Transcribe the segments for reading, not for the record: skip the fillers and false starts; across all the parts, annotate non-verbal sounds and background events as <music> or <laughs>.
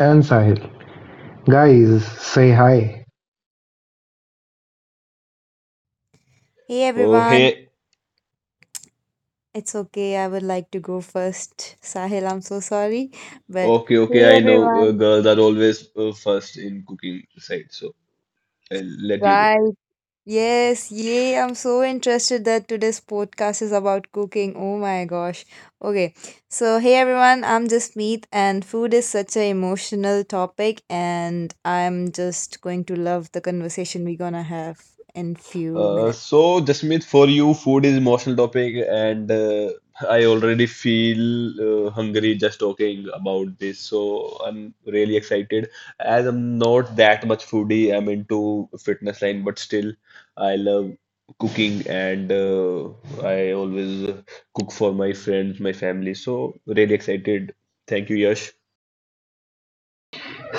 and Sahil. Guys, say hi. Hey Oh, everyone, hey, it's okay. I would like to go first. Sahil, I'm so sorry. But okay, hey okay. I know everyone, girls are always first in cooking side, so I'll let you go. right. Yes, yay. I'm so interested that today's podcast is about cooking. Oh my gosh. Okay. So, hey everyone, I'm just Meet, and food is such an emotional topic, and I'm just going to love the conversation we're gonna have in few Uh, minutes. so Jasmeet, for you, food is emotional topic, and I already feel hungry just talking about this. So I'm really excited. As I'm not that much foodie, I'm into fitness line, but still, I love cooking, and I always cook for my friends, my family. So really excited. Thank you, Yash.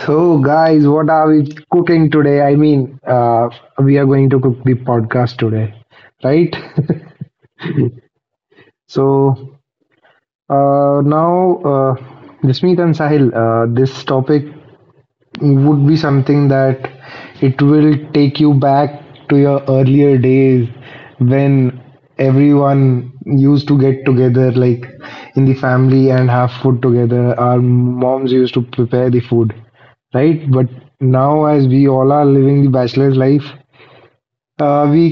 So, guys, what are we cooking today? I mean, we are going to cook the podcast today, right? <laughs> So, now, Jasmeet and Sahil, this topic would be something that it will take you back to your earlier days when everyone used to get together like in the family and have food together. Our moms used to prepare the food, right? But now, as we all are living the bachelor's life, uh, we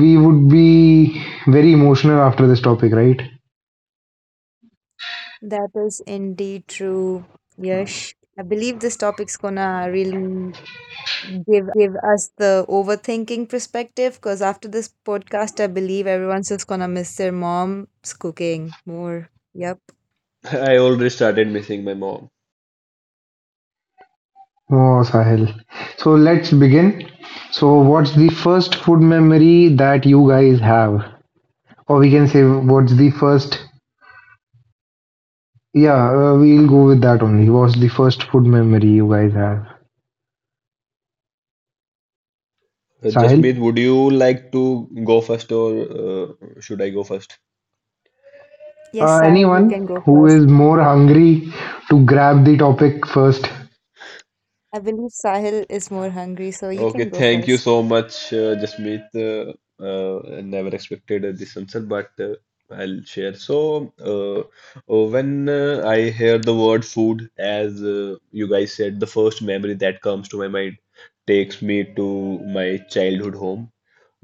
we would be very emotional after this topic, right? That is indeed true. Yes, I believe this topic's gonna really give us the overthinking perspective because after this podcast, I believe everyone's just gonna miss their mom's cooking more. Yep. <laughs> I already started missing my mom. Oh, Sahil, so let's begin. So what's the first food memory that you guys have? Or we can say, what's the first? Yeah, we'll go with that only. What's the first food memory you guys have? Jasmeet, Sahil? would you like to go first or should I go first? Yes, Sahil, you Anyone can go who first. is more hungry to grab the topic first? I believe Sahil is more hungry, so you Okay, can go thank you first. so much, Jasmeet. I never expected this answer, but I'll share. So, uh, when I hear the word food, as you guys said, the first memory that comes to my mind takes me to my childhood home.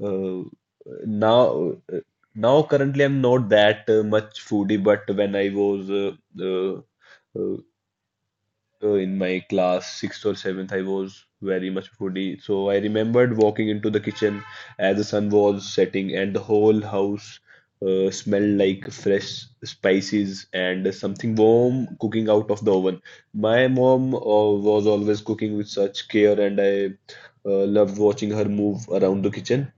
Uh, now, uh, now currently I'm not that much foodie, but when I was uh, uh, in my class sixth or seventh, I was very much foodie. So I remembered walking into the kitchen as the sun was setting, and the whole house smelled like fresh spices and something warm cooking out of the oven. My mom was always cooking with such care, and I loved watching her move around the kitchen.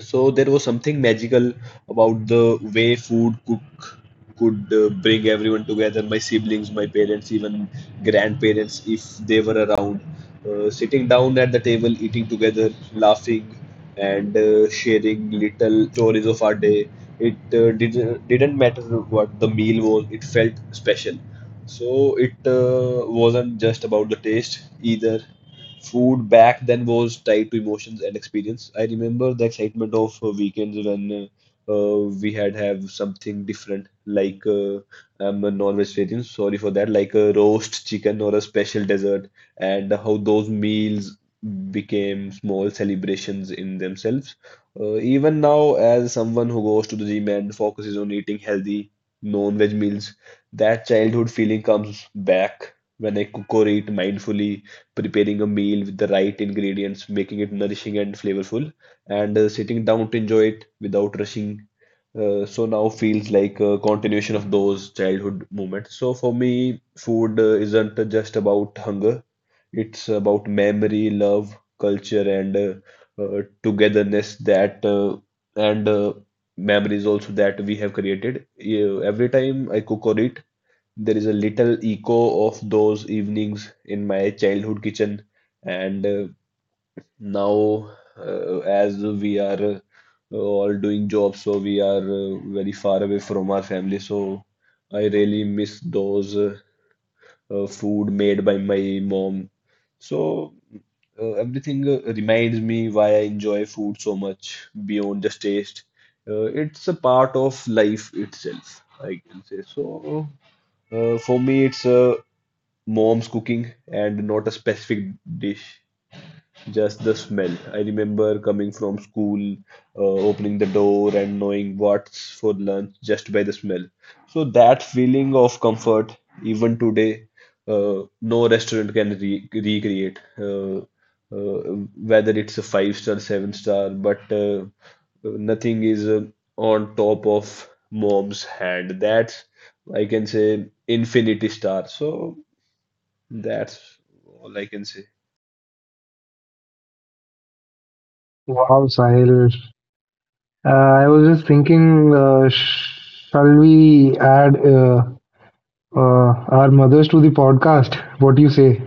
So there was something magical about the way food cook could bring everyone together. My siblings, my parents, even grandparents, if they were around, sitting down at the table, eating together, laughing, and sharing little stories of our day. It didn't matter what the meal was. It felt special. So it wasn't just about the taste either. Food back then was tied to emotions and experience. I remember the excitement of weekends when we had have something different, like I'm a non-vegetarian, sorry for that, like a roast chicken or a special dessert, and how those meals became small celebrations in themselves. Even now, as someone who goes to the gym and focuses on eating healthy, non-veg meals, that childhood feeling comes back when I cook or eat mindfully preparing a meal with the right ingredients, making it nourishing and flavorful, and sitting down to enjoy it without rushing. So now feels like a continuation of those childhood moments. So for me, food isn't just about hunger. It's about memory, love, culture, and togetherness that and memories also that we have created. Yeah, every time I cook or eat, there is a little echo of those evenings in my childhood kitchen, and now, as we are all doing jobs, so we are very far away from our family. So I really miss those food made by my mom. So everything reminds me why I enjoy food so much beyond just taste. It's a part of life itself, I can say. So for me, it's a mom's cooking and not a specific dish, just the smell. I remember coming from school, opening the door and knowing what's for lunch just by the smell. So that feeling of comfort, even today, no restaurant can re recreate. Uh, whether it's a five star, seven star, but nothing is on top of mom's hand. That's I can say infinity star. So that's all I can say. Wow, Sahil. I was just thinking, shall we add uh, our mothers to the podcast? What do you say?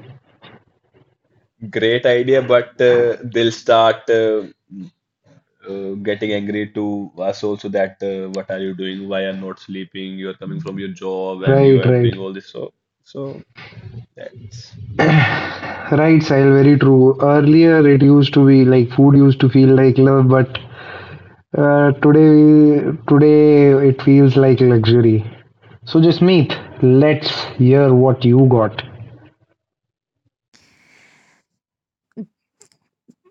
Great idea, but they'll start getting angry to us also that what are you doing? Why are not sleeping? You are coming from your job and you Right, are right. doing all this. So, that's Right, Sahil, very true. Earlier it used to be like food used to feel like love, but today it feels like luxury. So, Jasmeet, let's hear what you got.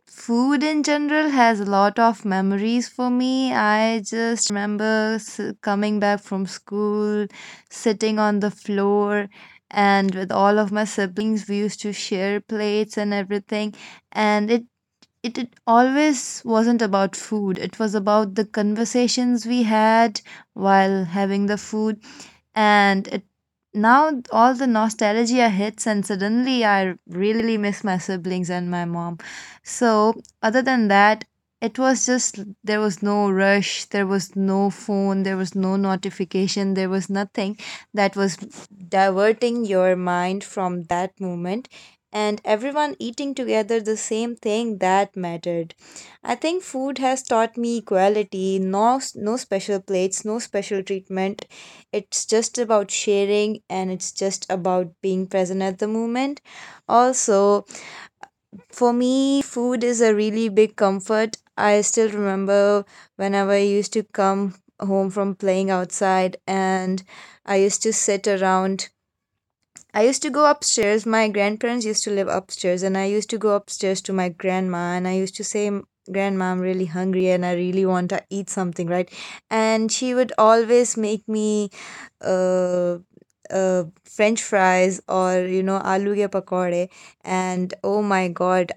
Food in general has a lot of memories for me. I just remember coming back from school, sitting on the floor, and with all of my siblings, we used to share plates and everything, and it always wasn't about food. It was about the conversations we had while having the food. And it now all the nostalgia hits, and suddenly I really miss my siblings and my mom. So, other than that, it was just there was no rush, there was no phone, there was no notification, there was nothing that was diverting your mind from that moment and everyone eating together the same thing that mattered. I think food has taught me equality, no special plates, no special treatment. It's just about sharing, and it's just about being present at the moment. Also, for me, food is a really big comfort. I still remember whenever I used to come home from playing outside, and I used to sit around I used to go upstairs. My grandparents used to live upstairs, and I used to go upstairs to my grandma, and I used to say, "Grandma, I'm really hungry and I really want to eat something," right? And she would always make me uh, French fries or, you know, aloo ke pakore. And oh my God,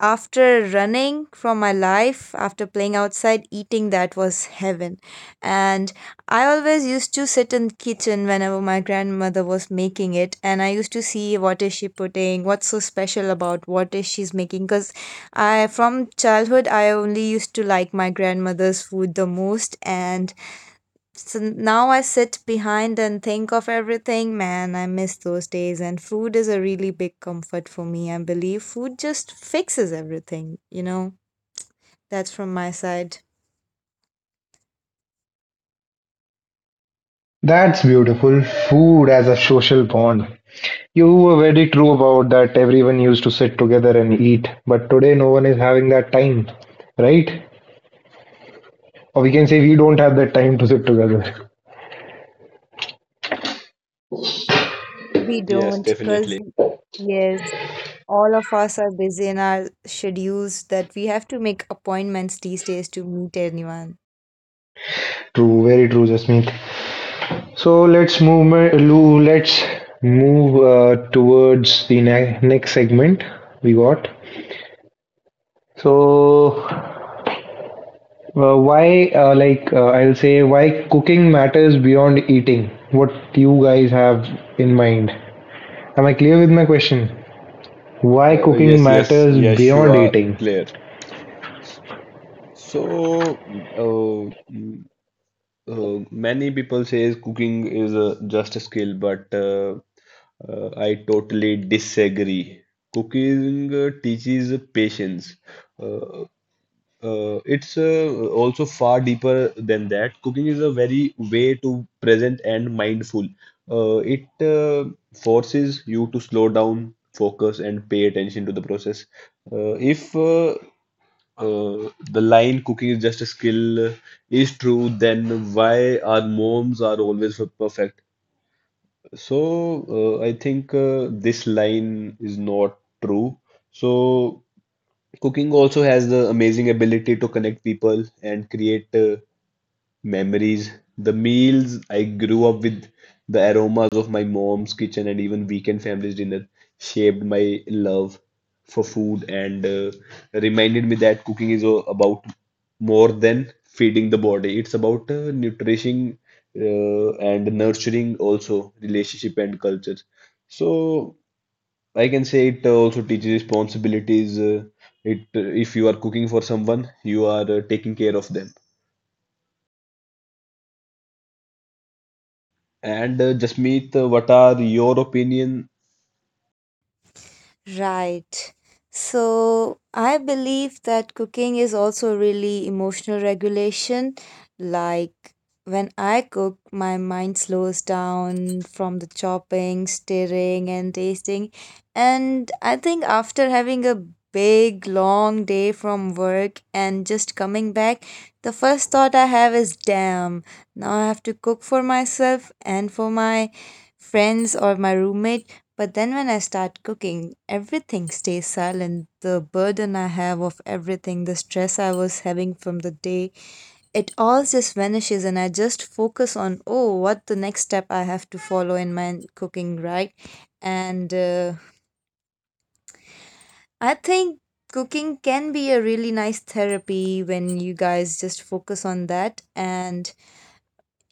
after running from my life, after playing outside, eating that was heaven. And I always used to sit in kitchen whenever my grandmother was making it, and I used to see what is she putting, what's so special about what is she's making. Because from childhood, I only used to like my grandmother's food the most, and so now I sit behind and think of everything. Man, I miss those days. And food is a really big comfort for me. I believe food just fixes everything, you know? That's from my side. That's beautiful. Food as a social bond. You were very true about that. Everyone used to sit together and eat, but today no one is having that time, right? Or we can say we don't have that time to sit together. We yes, don't, because, definitely. yes, all of us are busy in our schedules that we have to make appointments these days to meet anyone. <laughs> True, very true, Jasmeet. So let's move. Lu, let's move towards the next segment we got. So like, I'll say why cooking matters beyond eating. What you guys have in mind? Am I clear with my question? Why Uh, cooking yes, yes, matters yes, you beyond are eating? clear. S- So, many people says cooking is just a skill, but I totally disagree. Cooking teaches patience. Uh, it's also far deeper than that. Cooking is a very way to present and mindful. It forces you to slow down, focus, and pay attention to the process. If the line cooking is just a skill is true, then why our moms are always perfect? So, I think this line is not true. So, cooking also has the amazing ability to connect people and create memories, the meals I grew up with, the aromas of my mom's kitchen, and even weekend family's dinner shaped my love for food and reminded me that cooking is about more than feeding the body. It's about nourishing and nurturing also relationship and culture. So I can say it also teaches responsibilities. It if you are cooking for someone, you are taking care of them. And Jasmeet, what are your opinion? Right. So I believe that cooking is also really emotional regulation. Like when I cook, my mind slows down from the chopping, stirring, and tasting. And I think after having a big, long day from work and just coming back, the first thought I have is, damn, now I have to cook for myself and for my friends or my roommate. But then when I start cooking, everything stays silent. The burden I have of everything, the stress I was having from the day, it all just vanishes, and I just focus on, oh, what the next step I have to follow in my cooking, right? And I think cooking can be a really nice therapy when you guys just focus on that, and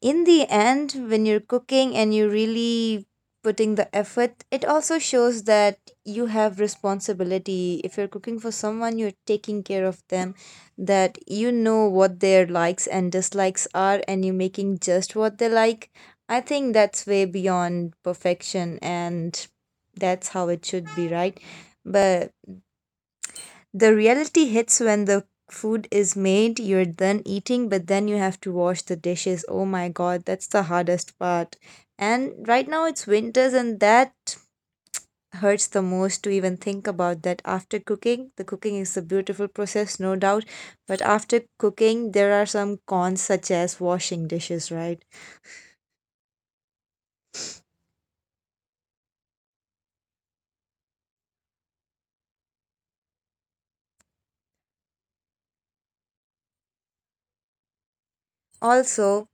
in the end, when you're cooking and you're really putting the effort, it also shows that you have responsibility. If you're cooking for someone, you're taking care of them, that you know what their likes and dislikes are, and you're making just what they like. I think that's way beyond perfection, and that's how it should be, right? But the reality hits when the food is made, you're done eating, but then you have to wash the dishes. Oh my God, that's the hardest part. And right now it's winters, and that hurts the most to even think about that after cooking. The cooking is a beautiful process, no doubt, but after cooking, there are some cons such as washing dishes, right? Also,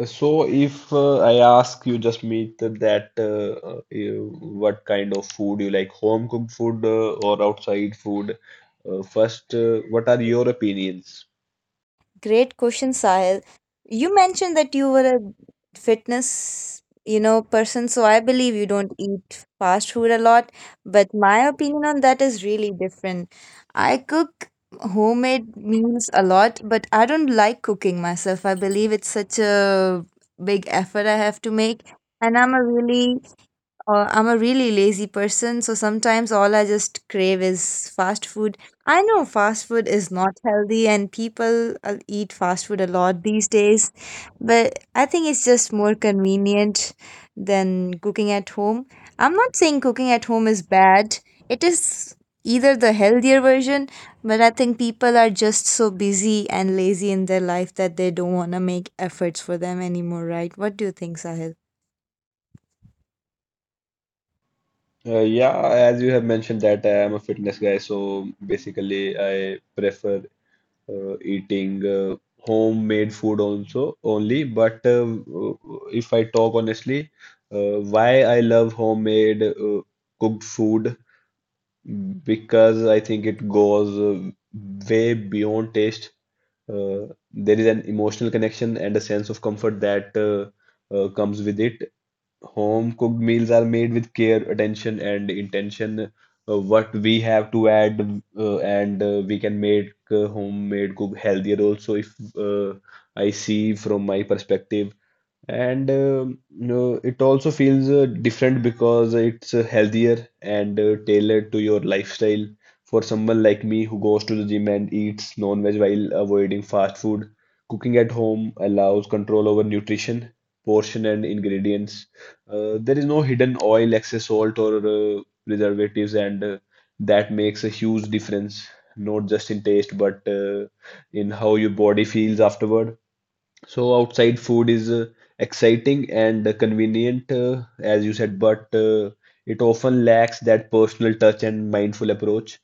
So, if I ask you, Jasmeet, that what kind of food you like, home cooked food or outside food? First, what are your opinions? great question, Sahil. You mentioned that you were a fitness, you know, person, so I believe you don't eat fast food a lot, but my opinion on that is really different. I cook homemade meals a lot, but I don't like cooking myself. I believe it's such a big effort I have to make, and I'm a really lazy person, so sometimes all I just crave is fast food. I know fast food is not healthy, and people eat fast food a lot these days, but I think it's just more convenient than cooking at home. I'm not saying cooking at home is bad, it is either the healthier version, but I think people are just so busy and lazy in their life that they don't want to make efforts for them anymore, right? What do you think, Sahil? Yeah, as you have mentioned that I am a fitness guy, so basically I prefer eating homemade food also only but if I talk honestly why I love homemade cooked food because I think it goes way beyond taste uh, there is an emotional connection and a sense of comfort that comes with it. Home cooked meals are made with care, attention, and intention. What we have to add, and we can make homemade cook healthier also. If uh, I see from my perspective, and no, it also feels different because it's healthier and tailored to your lifestyle. For someone like me who goes to the gym and eats non-veg while avoiding fast food, cooking at home allows control over nutrition, portion, and ingredients. There is no hidden oil, excess salt, or preservatives, and that makes a huge difference, not just in taste, but in how your body feels afterward. So outside food is exciting and convenient, as you said, but it often lacks that personal touch and mindful approach.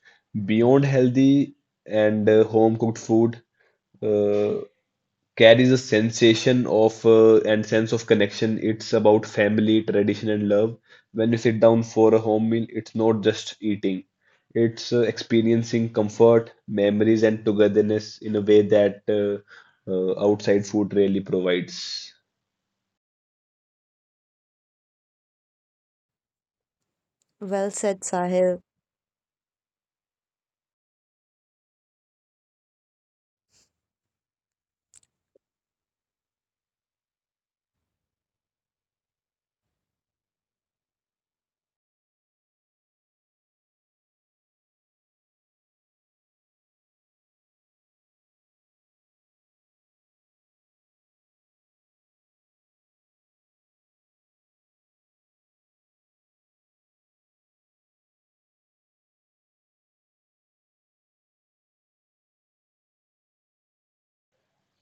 Beyond healthy and home cooked food, uh, carries a sensation of and sense of connection. It's about family, tradition, and love. When you sit down for a home meal, it's not just eating. It's experiencing comfort, memories, and togetherness in a way that outside food really provides. Well said, Sahil.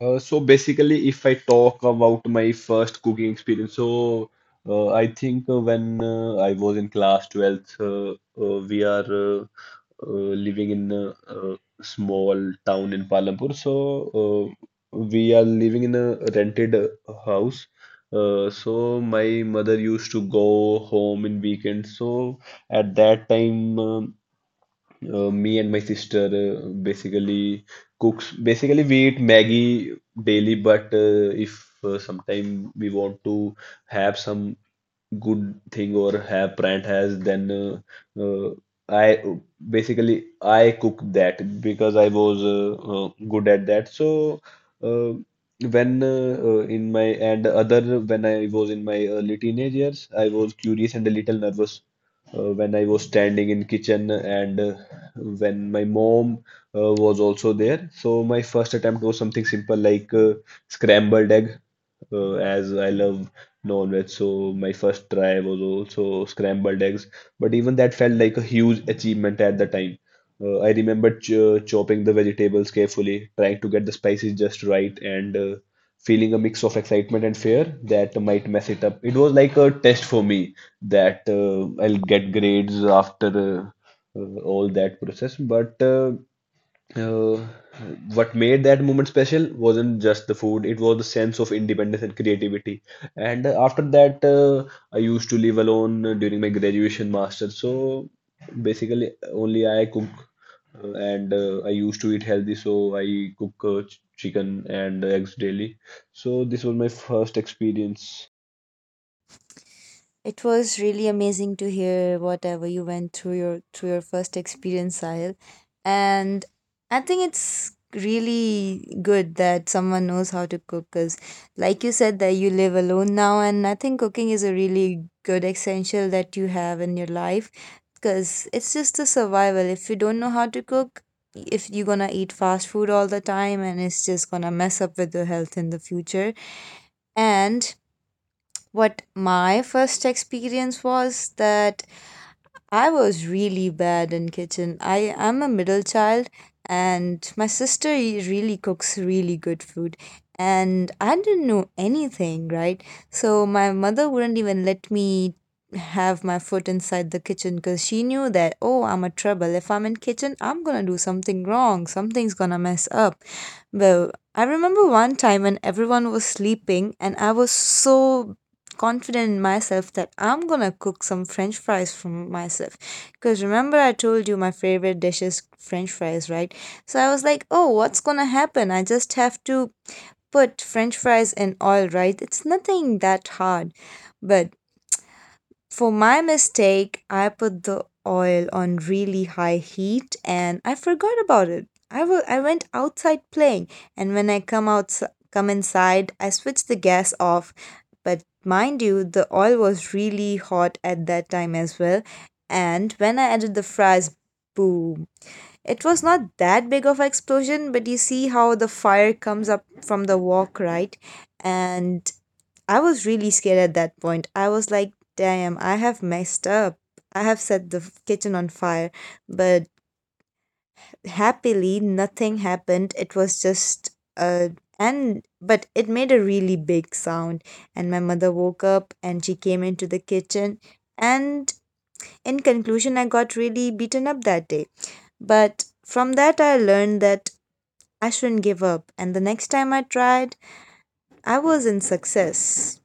So basically, if I talk about my first cooking experience, so I think when I was in class 12th, we are living in a, uh small town in Palanpur. So uh, we are living in a rented house. So my mother used to go home in weekends. So at that time, me and my sister basically cooks. Basically, we eat Maggie daily, but if sometime we want to have some good thing or have brand has then I basically I cook that because I was good at that so uh, when in my and other when I was in my early teenage years I was curious and a little nervous when I was standing in kitchen and when my mom was also there so my first attempt was something simple like scrambled egg as I love non-veg, so my first try was also scrambled eggs. But even that felt like a huge achievement at the time. I remember ch chopping the vegetables carefully, trying to get the spices just right, and feeling a mix of excitement and fear that might mess it up. It was like a test for me that I'll get grades after all that process. But uh, what made that moment special wasn't just the food, it was the sense of independence and creativity. And after that, I used to live alone during my graduation master's. So basically, only I cook and I used to eat healthy. So I cook chicken and eggs daily. So this was my first experience. It was really amazing to hear whatever you went through your first experience, Sahil. And I think it's really good that someone knows how to cook because like you said that you live alone now, and I think cooking is a really good essential that you have in your life because it's just a survival. If you don't know how to cook, if you're gonna eat fast food all the time, and it's just gonna mess up with your health in the future. And what my first experience was that I was really bad in kitchen. I am a middle child and my sister really cooks really good food, and I didn't know anything, right? So my mother wouldn't even let me have my foot inside the kitchen because she knew that oh I'm a trouble. If I'm in kitchen, I'm gonna do something wrong. Something's gonna mess up. Well, I remember one time when everyone was sleeping and I was so confident in myself that I'm gonna cook some french fries for myself. Because remember, I told you my favorite dish is french fries, right? So I was like, oh, what's gonna happen? I just have to put french fries in oil, right? It's nothing that hard. But for my mistake, I put the oil on really high heat and I forgot about it. I went outside playing, and when I come inside, I switched the gas off. But mind you, the oil was really hot at that time as well. And when I added the fries, boom. It was not that big of an explosion, but you see how the fire comes up from the wok, right? And I was really scared at that point. I was like, damn, I have messed up. I have set the kitchen on fire. But happily, nothing happened. It was just a. And. But it made a really big sound. And my mother woke up and she came into the kitchen. And in conclusion, I got really beaten up that day. But from that, I learned that I shouldn't give up. And the next time I tried, I was in success.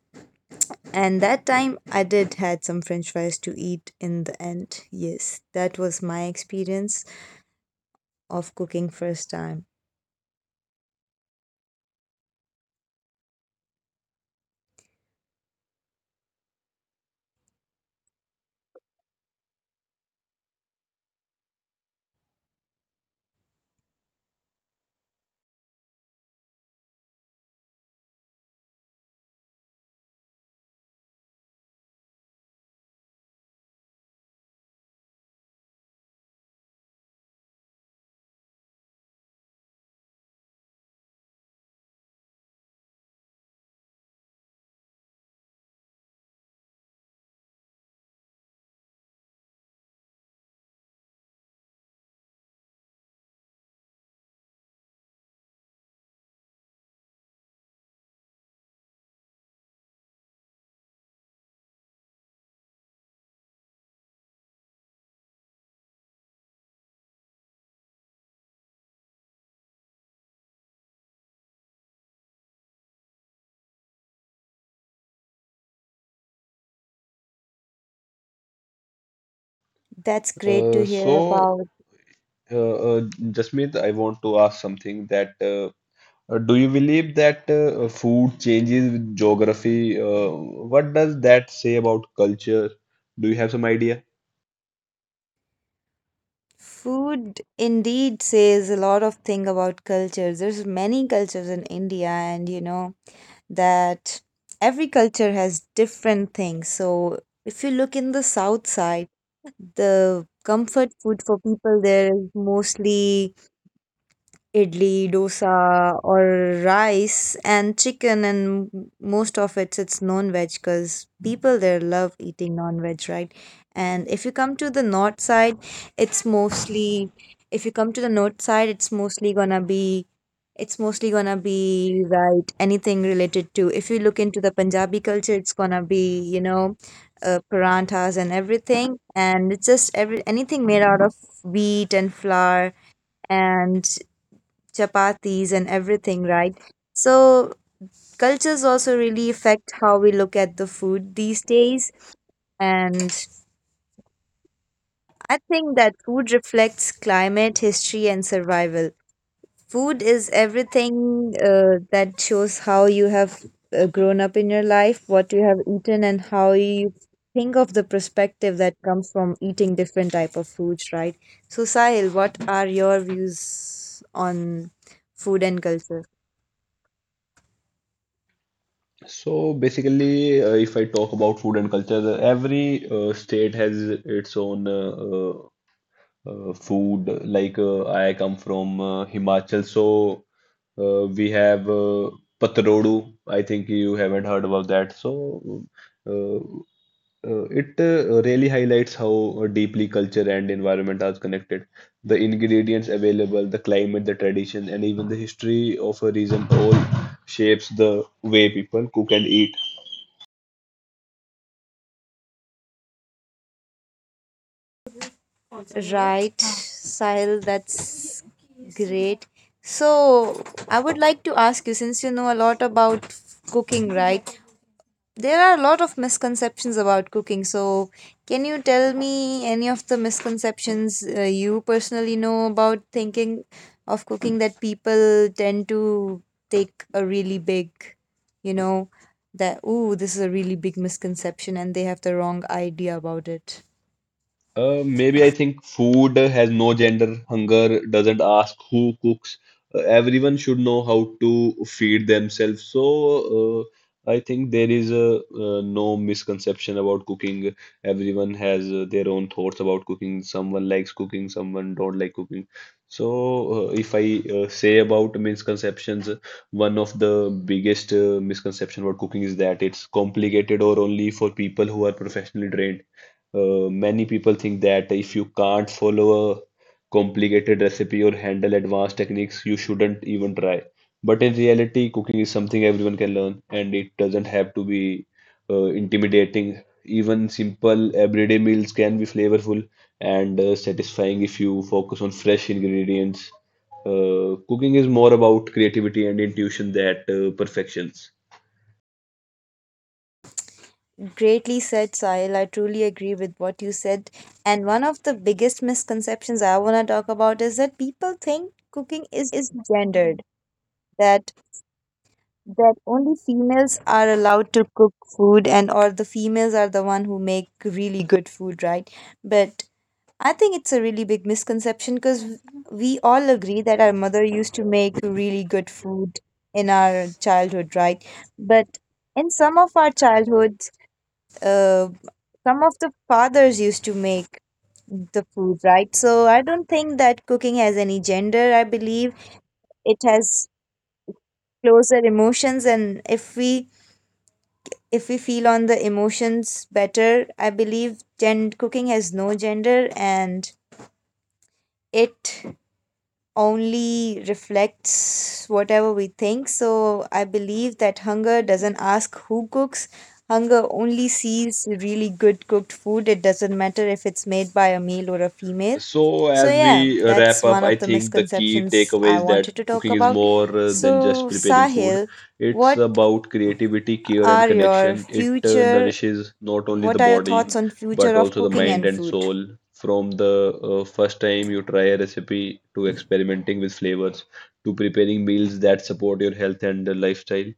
And that time I did had some french fries to eat in the end. Yes, that was my experience of cooking first time. That's great Uh, to hear so, about. uh, uh, Jasmeet, I want to ask something that do you believe that food changes with geography? What does that say about culture? Do you have some idea? Food indeed says a lot of thing about cultures. There's many cultures in India and you know that every culture has different things. So if you look in the south side, the comfort food for people there is mostly idli, dosa, or rice and chicken, and most of it's non-veg because people there love eating non-veg, right? And if you come to the north side, it's mostly if you come to the north side, it's mostly gonna be right anything related to if you look into the Punjabi culture, it's gonna be you know paranthas and everything, and it's just every anything made out of wheat and flour and chapatis and everything, right? So cultures also really affect how we look at the food these days. And I think that food reflects climate, history, and survival. Food is everything that shows how you have grown up in your life, what you have eaten, and how you think of the perspective that comes from eating different type of foods, right? So Sahil, what are your views on food and culture? So basically, if I talk about food and culture, every state has its own food. Like I come from Himachal, so we have patrodu. I think you haven't heard about that. So uh, it really highlights how deeply culture and environment are connected. The ingredients available, the climate, the tradition, and even the history of a region all shapes the way people cook and eat. Right, Sahil, that's great. So, I would like to ask you since you know a lot about cooking, right? There are a lot of misconceptions about cooking. So, can you tell me any of the misconceptions you personally know about thinking of cooking that people tend to take a really big, you know, that, ooh, this is a really big misconception and they have the wrong idea about it? Maybe I think food has no gender, hunger doesn't ask who cooks. Everyone should know how to feed themselves. So I think there is a no misconception about cooking. Everyone has their own thoughts about cooking. Someone likes cooking, someone don't like cooking. So if I say about misconceptions, one of the biggest misconception about cooking is that it's complicated or only for people who are professionally trained. Many people think that if you can't follow a complicated recipe or handle advanced techniques, you shouldn't even try. But in reality, cooking is something everyone can learn, and it doesn't have to be intimidating. Even simple everyday meals can be flavorful and satisfying if you focus on fresh ingredients. Cooking is more about creativity and intuition than perfections. Greatly said, Sahil. I truly agree with what you said. And one of the biggest misconceptions I want to talk about is that people think cooking is gendered, that that only females are allowed to cook food, and or the females are the one who make really good food, right? But I think it's a really big misconception because we all agree that our mother used to make really good food in our childhood, right? But in some of our childhood, uh, some of the fathers used to make the food, right? So I don't think that cooking has any gender. I believe it has closer emotions, and if we feel on the emotions better, I believe cooking has no gender, and it only reflects whatever we think. So I believe that hunger doesn't ask who cooks. Hunger only sees really good cooked food. It doesn't matter if it's made by a male or a female. So, So as yeah, we wrap that's up, one I of the think the key misconceptions takeaway I is that wanted to talk cooking is about. more than So just preparing food. Sahil, It's what about creativity, care, and are your connection. It future nourishes not only the what are your body, thoughts on but future of also the cooking mind and and food? soul. From the first time you try a recipe to experimenting with flavors to preparing meals that support your health and lifestyle,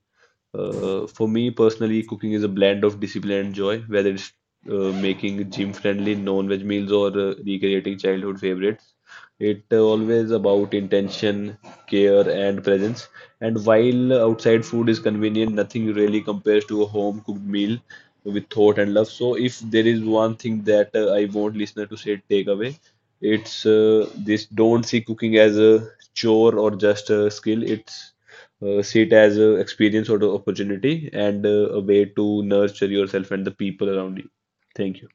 for me personally, cooking is a blend of discipline and joy, whether it's making gym-friendly non-veg meals or recreating childhood favorites. It always about intention, care, and presence. And while outside food is convenient, nothing really compares to a home-cooked meal with thought and love. So, if there is one thing that I want listener to say, take away, it's this: don't see cooking as a chore or just a skill. It's see it as a experience or the opportunity and a way to nurture yourself and the people around you. Thank you.